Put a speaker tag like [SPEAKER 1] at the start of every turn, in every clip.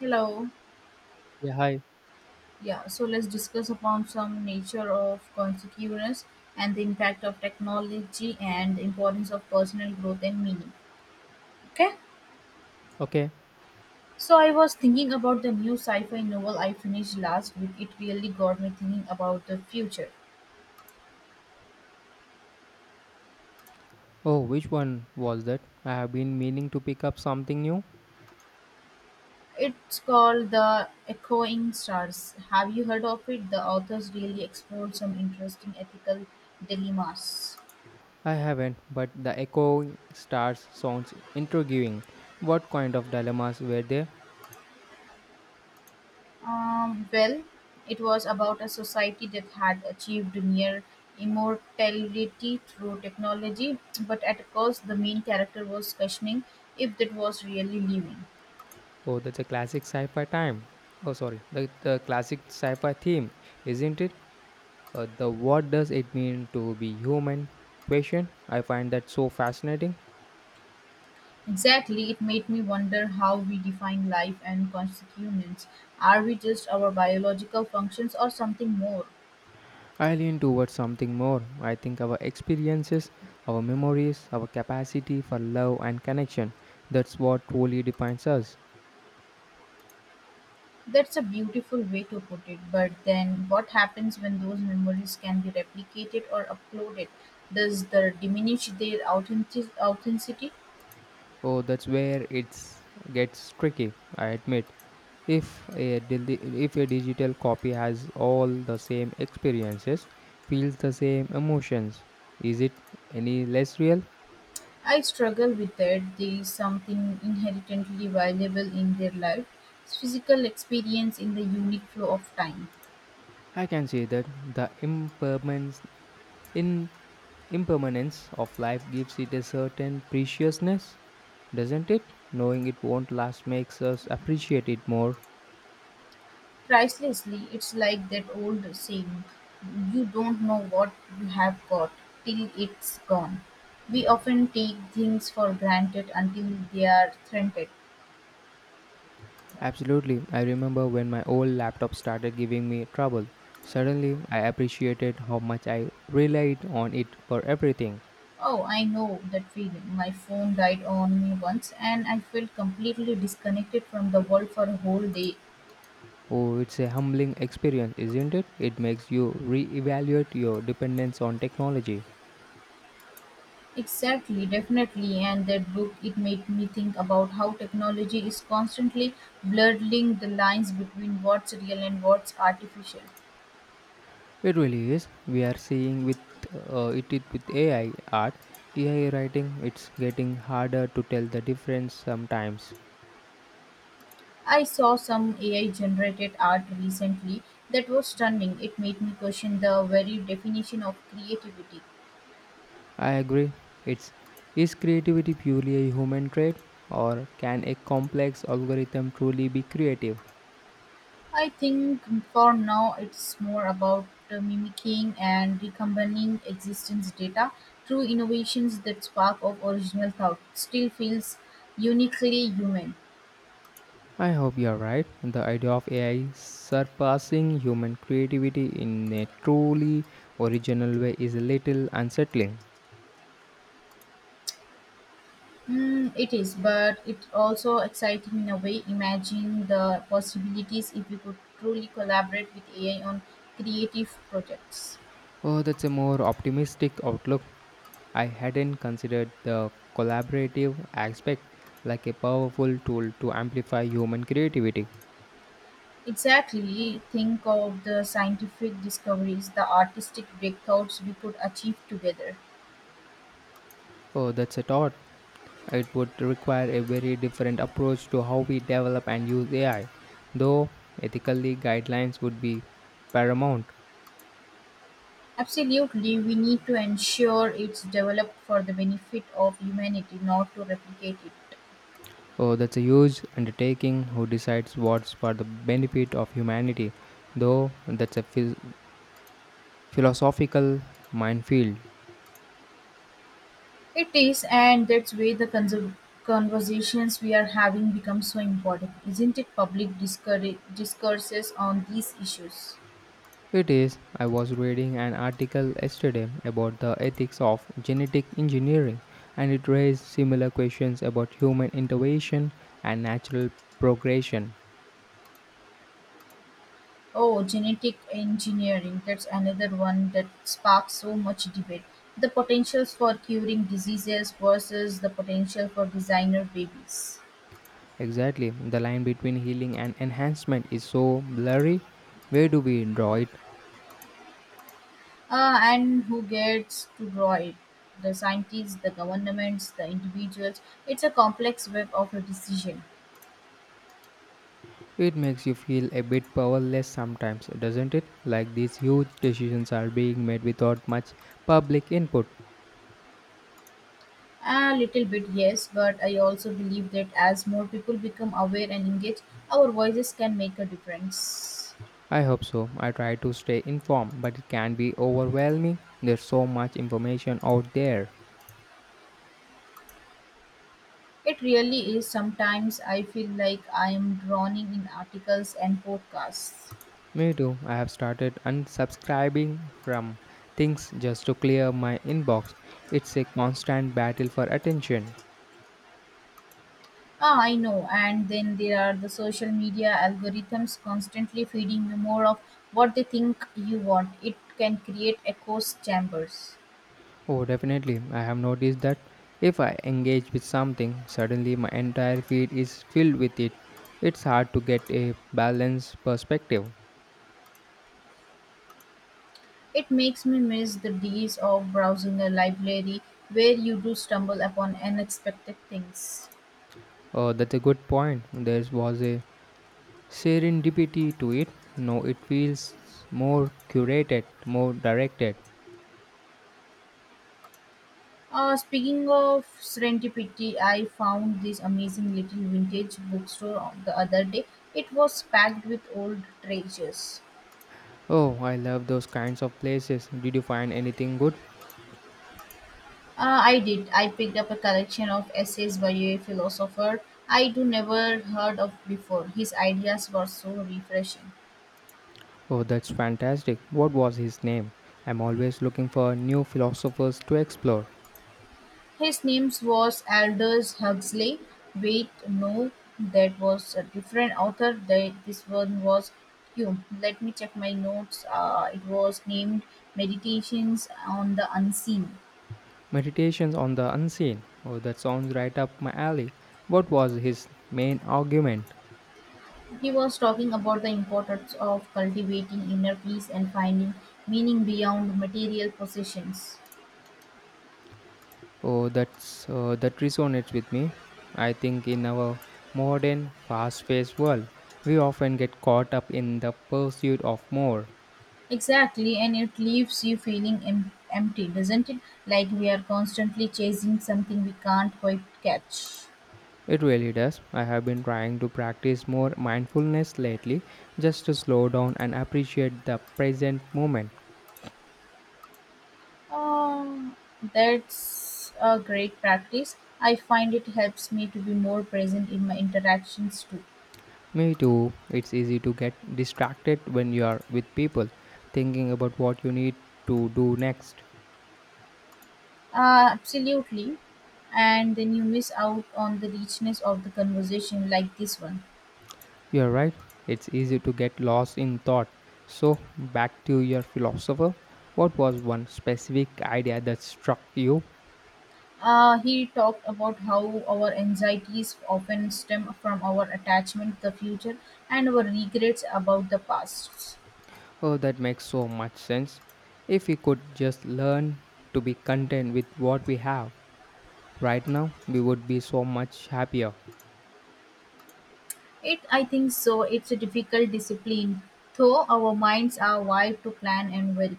[SPEAKER 1] Hello.
[SPEAKER 2] Yeah, hi.
[SPEAKER 1] Yeah, so let's discuss upon some nature of consequence and the impact of technology and the importance of personal growth and meaning. Okay?
[SPEAKER 2] Okay.
[SPEAKER 1] So I was thinking about the new sci-fi novel I finished last week. It really got me thinking about the future.
[SPEAKER 2] Oh, which one was that? I have been meaning to pick up something new.
[SPEAKER 1] It's called The Echoing Stars. Have you heard of it? The authors really explored some interesting ethical dilemmas.
[SPEAKER 2] I haven't, but the echoing stars sounds intriguing. What kind of dilemmas were there?
[SPEAKER 1] Well, it was about a society that had achieved near immortality through technology, but at a cost the main character was questioning if that was really living.
[SPEAKER 2] Oh, that's a classic sci-fi time. Oh, sorry, the classic sci-fi theme, isn't it? The what does it mean to be human question. I find that so fascinating.
[SPEAKER 1] Exactly, it made me wonder how we define life and constituents. Are we just our biological functions or something more?
[SPEAKER 2] I lean towards something more. I think our experiences, our memories, our capacity for love and connection, that's what truly defines us.
[SPEAKER 1] That's a beautiful way to put it, but then what happens when those memories can be replicated or uploaded? Does the diminish their authenticity?
[SPEAKER 2] Oh, that's where it gets tricky, I admit. If a digital copy has all the same experiences, feels the same emotions, is it any less real?
[SPEAKER 1] I struggle with that there is something inherently valuable in their life, physical experience in the unique flow of time.
[SPEAKER 2] I can say that the impermanence in impermanence of life gives it a certain preciousness, doesn't it? Knowing it won't last makes us appreciate it more.
[SPEAKER 1] Pricelessly, it's like that old saying, you don't know what you have got till it's gone. We often take things for granted until they are threatened.
[SPEAKER 2] Absolutely. I remember when my old laptop started giving me trouble. Suddenly I appreciated how much I relied on it for everything.
[SPEAKER 1] Oh, I know that feeling. My phone died on me once and I felt completely disconnected from the world for a whole day.
[SPEAKER 2] Oh, it's a humbling experience, isn't it? It makes you reevaluate your dependence on technology.
[SPEAKER 1] Exactly, definitely, and that book it made me think about how technology is constantly blurring the lines between what's real and what's artificial.
[SPEAKER 2] It really is. We are seeing with it with AI art, AI writing. It's getting harder to tell the difference sometimes.
[SPEAKER 1] I saw some AI generated art recently that was stunning. It made me question the very definition of creativity.
[SPEAKER 2] I agree. It's Is creativity purely a human trait, or can a complex algorithm truly be creative?
[SPEAKER 1] I think for now it's more about mimicking and recombining existence data. True innovations that spark of original thought. Still feels uniquely human.
[SPEAKER 2] I hope you're right. The idea of AI surpassing human creativity in a truly original way is a little unsettling.
[SPEAKER 1] Mm, it is, but it's also exciting in a way. Imagine the possibilities if we could truly collaborate with AI on creative projects.
[SPEAKER 2] Oh, that's a more optimistic outlook. I hadn't considered the collaborative aspect, like a powerful tool to amplify human creativity.
[SPEAKER 1] Exactly. Think of the scientific discoveries, the artistic breakthroughs we could achieve together.
[SPEAKER 2] Oh, that's a thought. It would require a very different approach to how we develop and use AI, though. Ethically guidelines would be paramount.
[SPEAKER 1] Absolutely, we need to ensure it's developed for the benefit of humanity, not to replicate it.
[SPEAKER 2] Oh, that's a huge undertaking. Who decides what's for the benefit of humanity? Though that's a philosophical minefield.
[SPEAKER 1] It is, and that's where the conversations we are having become so important, isn't it? Public discourses on these issues.
[SPEAKER 2] It is. I was reading an article yesterday about the ethics of genetic engineering, and it raised similar questions about human intervention and natural progression.
[SPEAKER 1] Oh, genetic engineering, that's another one that sparks so much debate. The potentials for curing diseases versus the potential for designer babies.
[SPEAKER 2] Exactly. The line between healing and enhancement is so blurry. Where do we draw it?
[SPEAKER 1] And who gets to draw it? The scientists, the governments, the individuals. It's a complex web of a decision.
[SPEAKER 2] It makes you feel a bit powerless sometimes, doesn't it? Like these huge decisions are being made without much public input.
[SPEAKER 1] A little bit, yes, but I also believe that as more people become aware and engaged, our voices can make a difference.
[SPEAKER 2] I hope so. I try to stay informed, but it can be overwhelming. There's so much information out there.
[SPEAKER 1] It really is. Sometimes I feel like I am drowning in articles and podcasts.
[SPEAKER 2] Me too. I have started unsubscribing from things just to clear my inbox. It's a constant battle for attention.
[SPEAKER 1] Ah, I know. And then there are the social media algorithms constantly feeding you more of what they think you want. It can create echo chambers.
[SPEAKER 2] Oh, definitely. I have noticed that if I engage with something, suddenly my entire feed is filled with it. It's hard to get a balanced perspective.
[SPEAKER 1] It makes me miss the days of browsing a library where you do stumble upon unexpected things.
[SPEAKER 2] Oh, that's a good point. There was a serendipity to it. No, it feels more curated, more directed.
[SPEAKER 1] Speaking of serendipity, I found this amazing little vintage bookstore on the other day. It was packed with old treasures.
[SPEAKER 2] Oh, I love those kinds of places. Did you find anything good?
[SPEAKER 1] I did. I picked up a collection of essays by a philosopher I do never heard of before. His ideas were so refreshing.
[SPEAKER 2] Oh, that's fantastic. What was his name? I'm always looking for new philosophers to explore.
[SPEAKER 1] His name was Aldous Huxley; wait no, that was a different author. That this one was Hume. Let me check my notes. It was named Meditations on the Unseen.
[SPEAKER 2] Meditations on the unseen. Oh, that sounds right up my alley. What was his main argument?
[SPEAKER 1] He was talking about the importance of cultivating inner peace and finding meaning beyond material possessions.
[SPEAKER 2] Oh, that resonates with me. I think in our modern, fast-paced world, we often get caught up in the pursuit of more.
[SPEAKER 1] Exactly, and it leaves you feeling empty, doesn't it? Like we are constantly chasing something we can't quite catch.
[SPEAKER 2] It really does. I have been trying to practice more mindfulness lately, just to slow down and appreciate the present moment.
[SPEAKER 1] Um, that's a great practice. I find it helps me to be more present in my interactions too.
[SPEAKER 2] Me too. It's easy to get distracted when you are with people, thinking about what you need to do next.
[SPEAKER 1] Absolutely. And then you miss out on the richness of the conversation like this one.
[SPEAKER 2] You're right, it's easy to get lost in thought. So, back to your philosopher, what was one specific idea that struck you?
[SPEAKER 1] He talked about how our anxieties often stem from our attachment to the future and our regrets about the past.
[SPEAKER 2] Oh, that makes so much sense. If we could just learn to be content with what we have right now, we would be so much happier.
[SPEAKER 1] I think so. It's a difficult discipline, though our minds are wired to plan and worry.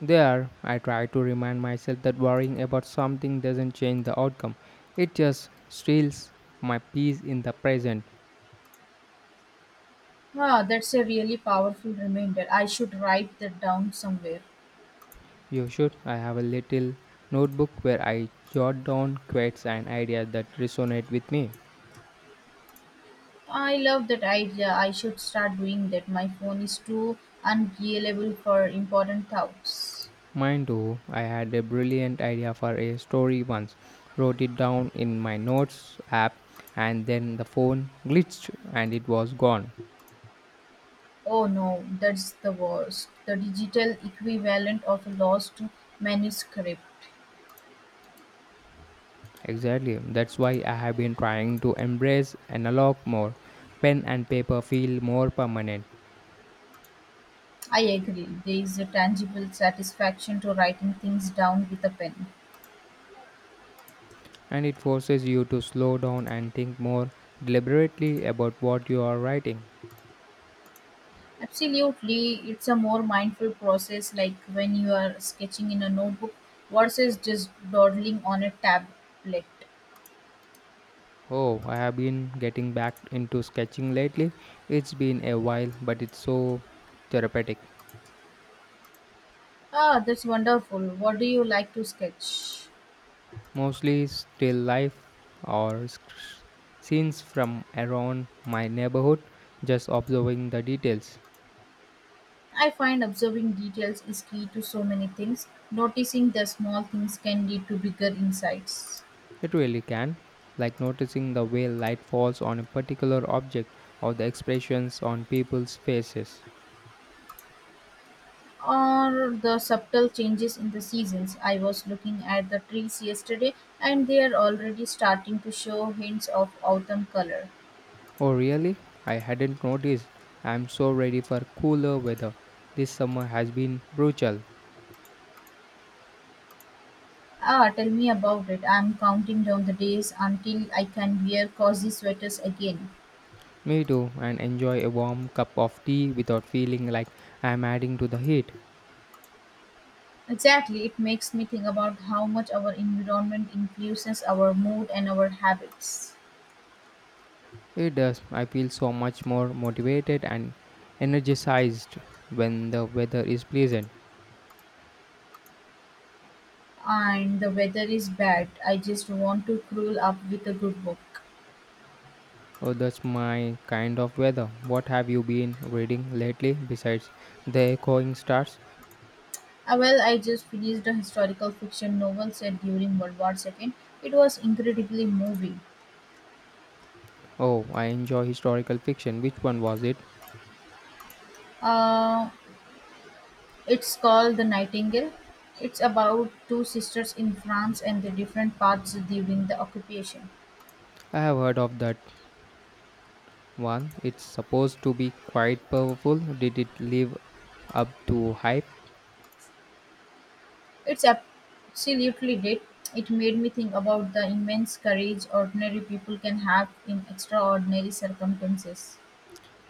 [SPEAKER 2] There, I try to remind myself that worrying about something doesn't change the outcome, it just steals my peace in the present.
[SPEAKER 1] Ah, that's a really powerful reminder. I should write that down somewhere.
[SPEAKER 2] You should. I have a little notebook where I jot down quotes and ideas that resonate with me.
[SPEAKER 1] I love that idea. I should start doing that. My phone is too unreliable for important thoughts.
[SPEAKER 2] Mine too. I had a brilliant idea for a story once, wrote it down in my notes app, and then the phone glitched and it was gone.
[SPEAKER 1] Oh no, that's the worst. The digital equivalent of a lost manuscript.
[SPEAKER 2] Exactly. That's why I have been trying to embrace analog more. Pen and paper feel more permanent,
[SPEAKER 1] I agree. There is a tangible satisfaction to writing things down with a pen.
[SPEAKER 2] and it forces you to slow down and think more deliberately about what you are writing.
[SPEAKER 1] Absolutely, it's a more mindful process like when you are sketching in a notebook versus just dawdling on a tablet.
[SPEAKER 2] Oh, I have been getting back into sketching lately. It's been a while, but it's so therapeutic.
[SPEAKER 1] Ah, that's wonderful. What do you like to sketch?
[SPEAKER 2] Mostly still life or scenes from around my neighborhood, just observing the details.
[SPEAKER 1] I find observing details is key to so many things. Noticing the small things can lead to bigger insights.
[SPEAKER 2] It really can, like noticing the way light falls on a particular object or the expressions on people's faces.
[SPEAKER 1] Or the subtle changes in the seasons. I was looking at the trees yesterday and they are already starting to show hints of autumn color.
[SPEAKER 2] Oh, really? I hadn't noticed. I'm so ready for cooler weather. This summer has been brutal.
[SPEAKER 1] Ah, tell me about it. I'm counting down the days until I can wear cozy sweaters again.
[SPEAKER 2] Me too, and enjoy a warm cup of tea without feeling like I am adding to the heat.
[SPEAKER 1] Exactly, it makes me think about how much our environment influences our mood and our habits.
[SPEAKER 2] It does. I feel so much more motivated and energized when the weather is pleasant.
[SPEAKER 1] And the weather is bad. I just want to curl up with a good book.
[SPEAKER 2] Oh, that's my kind of weather. What have you been reading lately besides The Echoing Stars?
[SPEAKER 1] Ah, well, I just finished a historical fiction novel set during World War II. It was incredibly moving.
[SPEAKER 2] Oh, I enjoy historical fiction. Which one was it?
[SPEAKER 1] Uh, It's called "The Nightingale". It's about two sisters in France and their different paths during the occupation.
[SPEAKER 2] I have heard of that one. It's supposed to be quite powerful. Did it live up to hype?
[SPEAKER 1] It's absolutely did. It made me think about the immense courage ordinary people can have in extraordinary circumstances.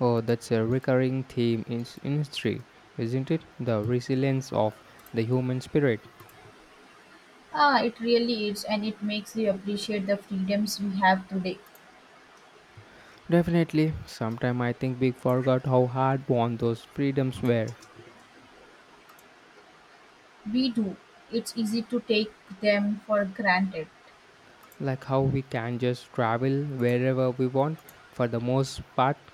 [SPEAKER 2] Oh, that's a recurring theme in in history, isn't it? The resilience of the human spirit.
[SPEAKER 1] Ah, it really is, and it makes you appreciate the freedoms we have today.
[SPEAKER 2] Definitely, sometime I think we forgot how hard won those freedoms were.
[SPEAKER 1] We do. It's easy to take them for granted.
[SPEAKER 2] Like how we can just travel wherever we want for the most part.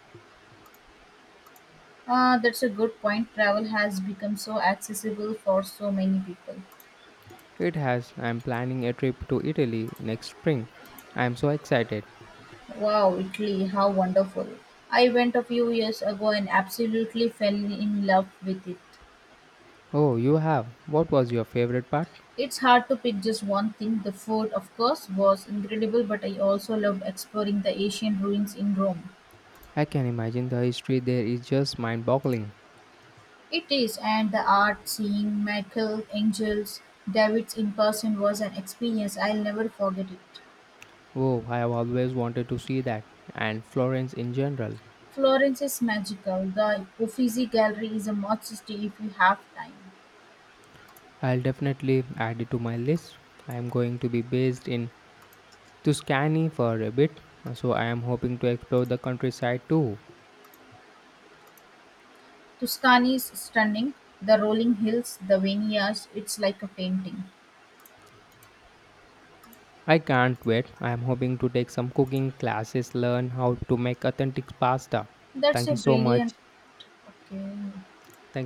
[SPEAKER 1] Ah, that's a good point. Travel has become so accessible for so many people.
[SPEAKER 2] It has. I'm planning a trip to Italy next spring. I'm so excited.
[SPEAKER 1] Wow, Italy, how wonderful. I went a few years ago and absolutely fell in love with it.
[SPEAKER 2] Oh, you have. What was your favorite part?
[SPEAKER 1] It's hard to pick just one thing. The food, of course, was incredible, but I also loved exploring the ancient ruins in Rome.
[SPEAKER 2] I can imagine the history there is just mind boggling.
[SPEAKER 1] It is, and the art, seeing Michael Angel's Davids in person was an experience I'll never forget it.
[SPEAKER 2] Oh, I have always wanted to see that, and Florence in general.
[SPEAKER 1] Florence is magical. The Uffizi Gallery is a must to see if you have time.
[SPEAKER 2] I'll definitely add it to my list. I am going to be based in Tuscany for a bit, so I am hoping to explore the countryside too.
[SPEAKER 1] Tuscany is stunning, the rolling hills, the vineyards, it's like a painting.
[SPEAKER 2] I can't wait. I am hoping to take some cooking classes, learn how to make authentic pasta.
[SPEAKER 1] That's
[SPEAKER 2] Thank
[SPEAKER 1] a
[SPEAKER 2] you so much.
[SPEAKER 1] brilliant okay.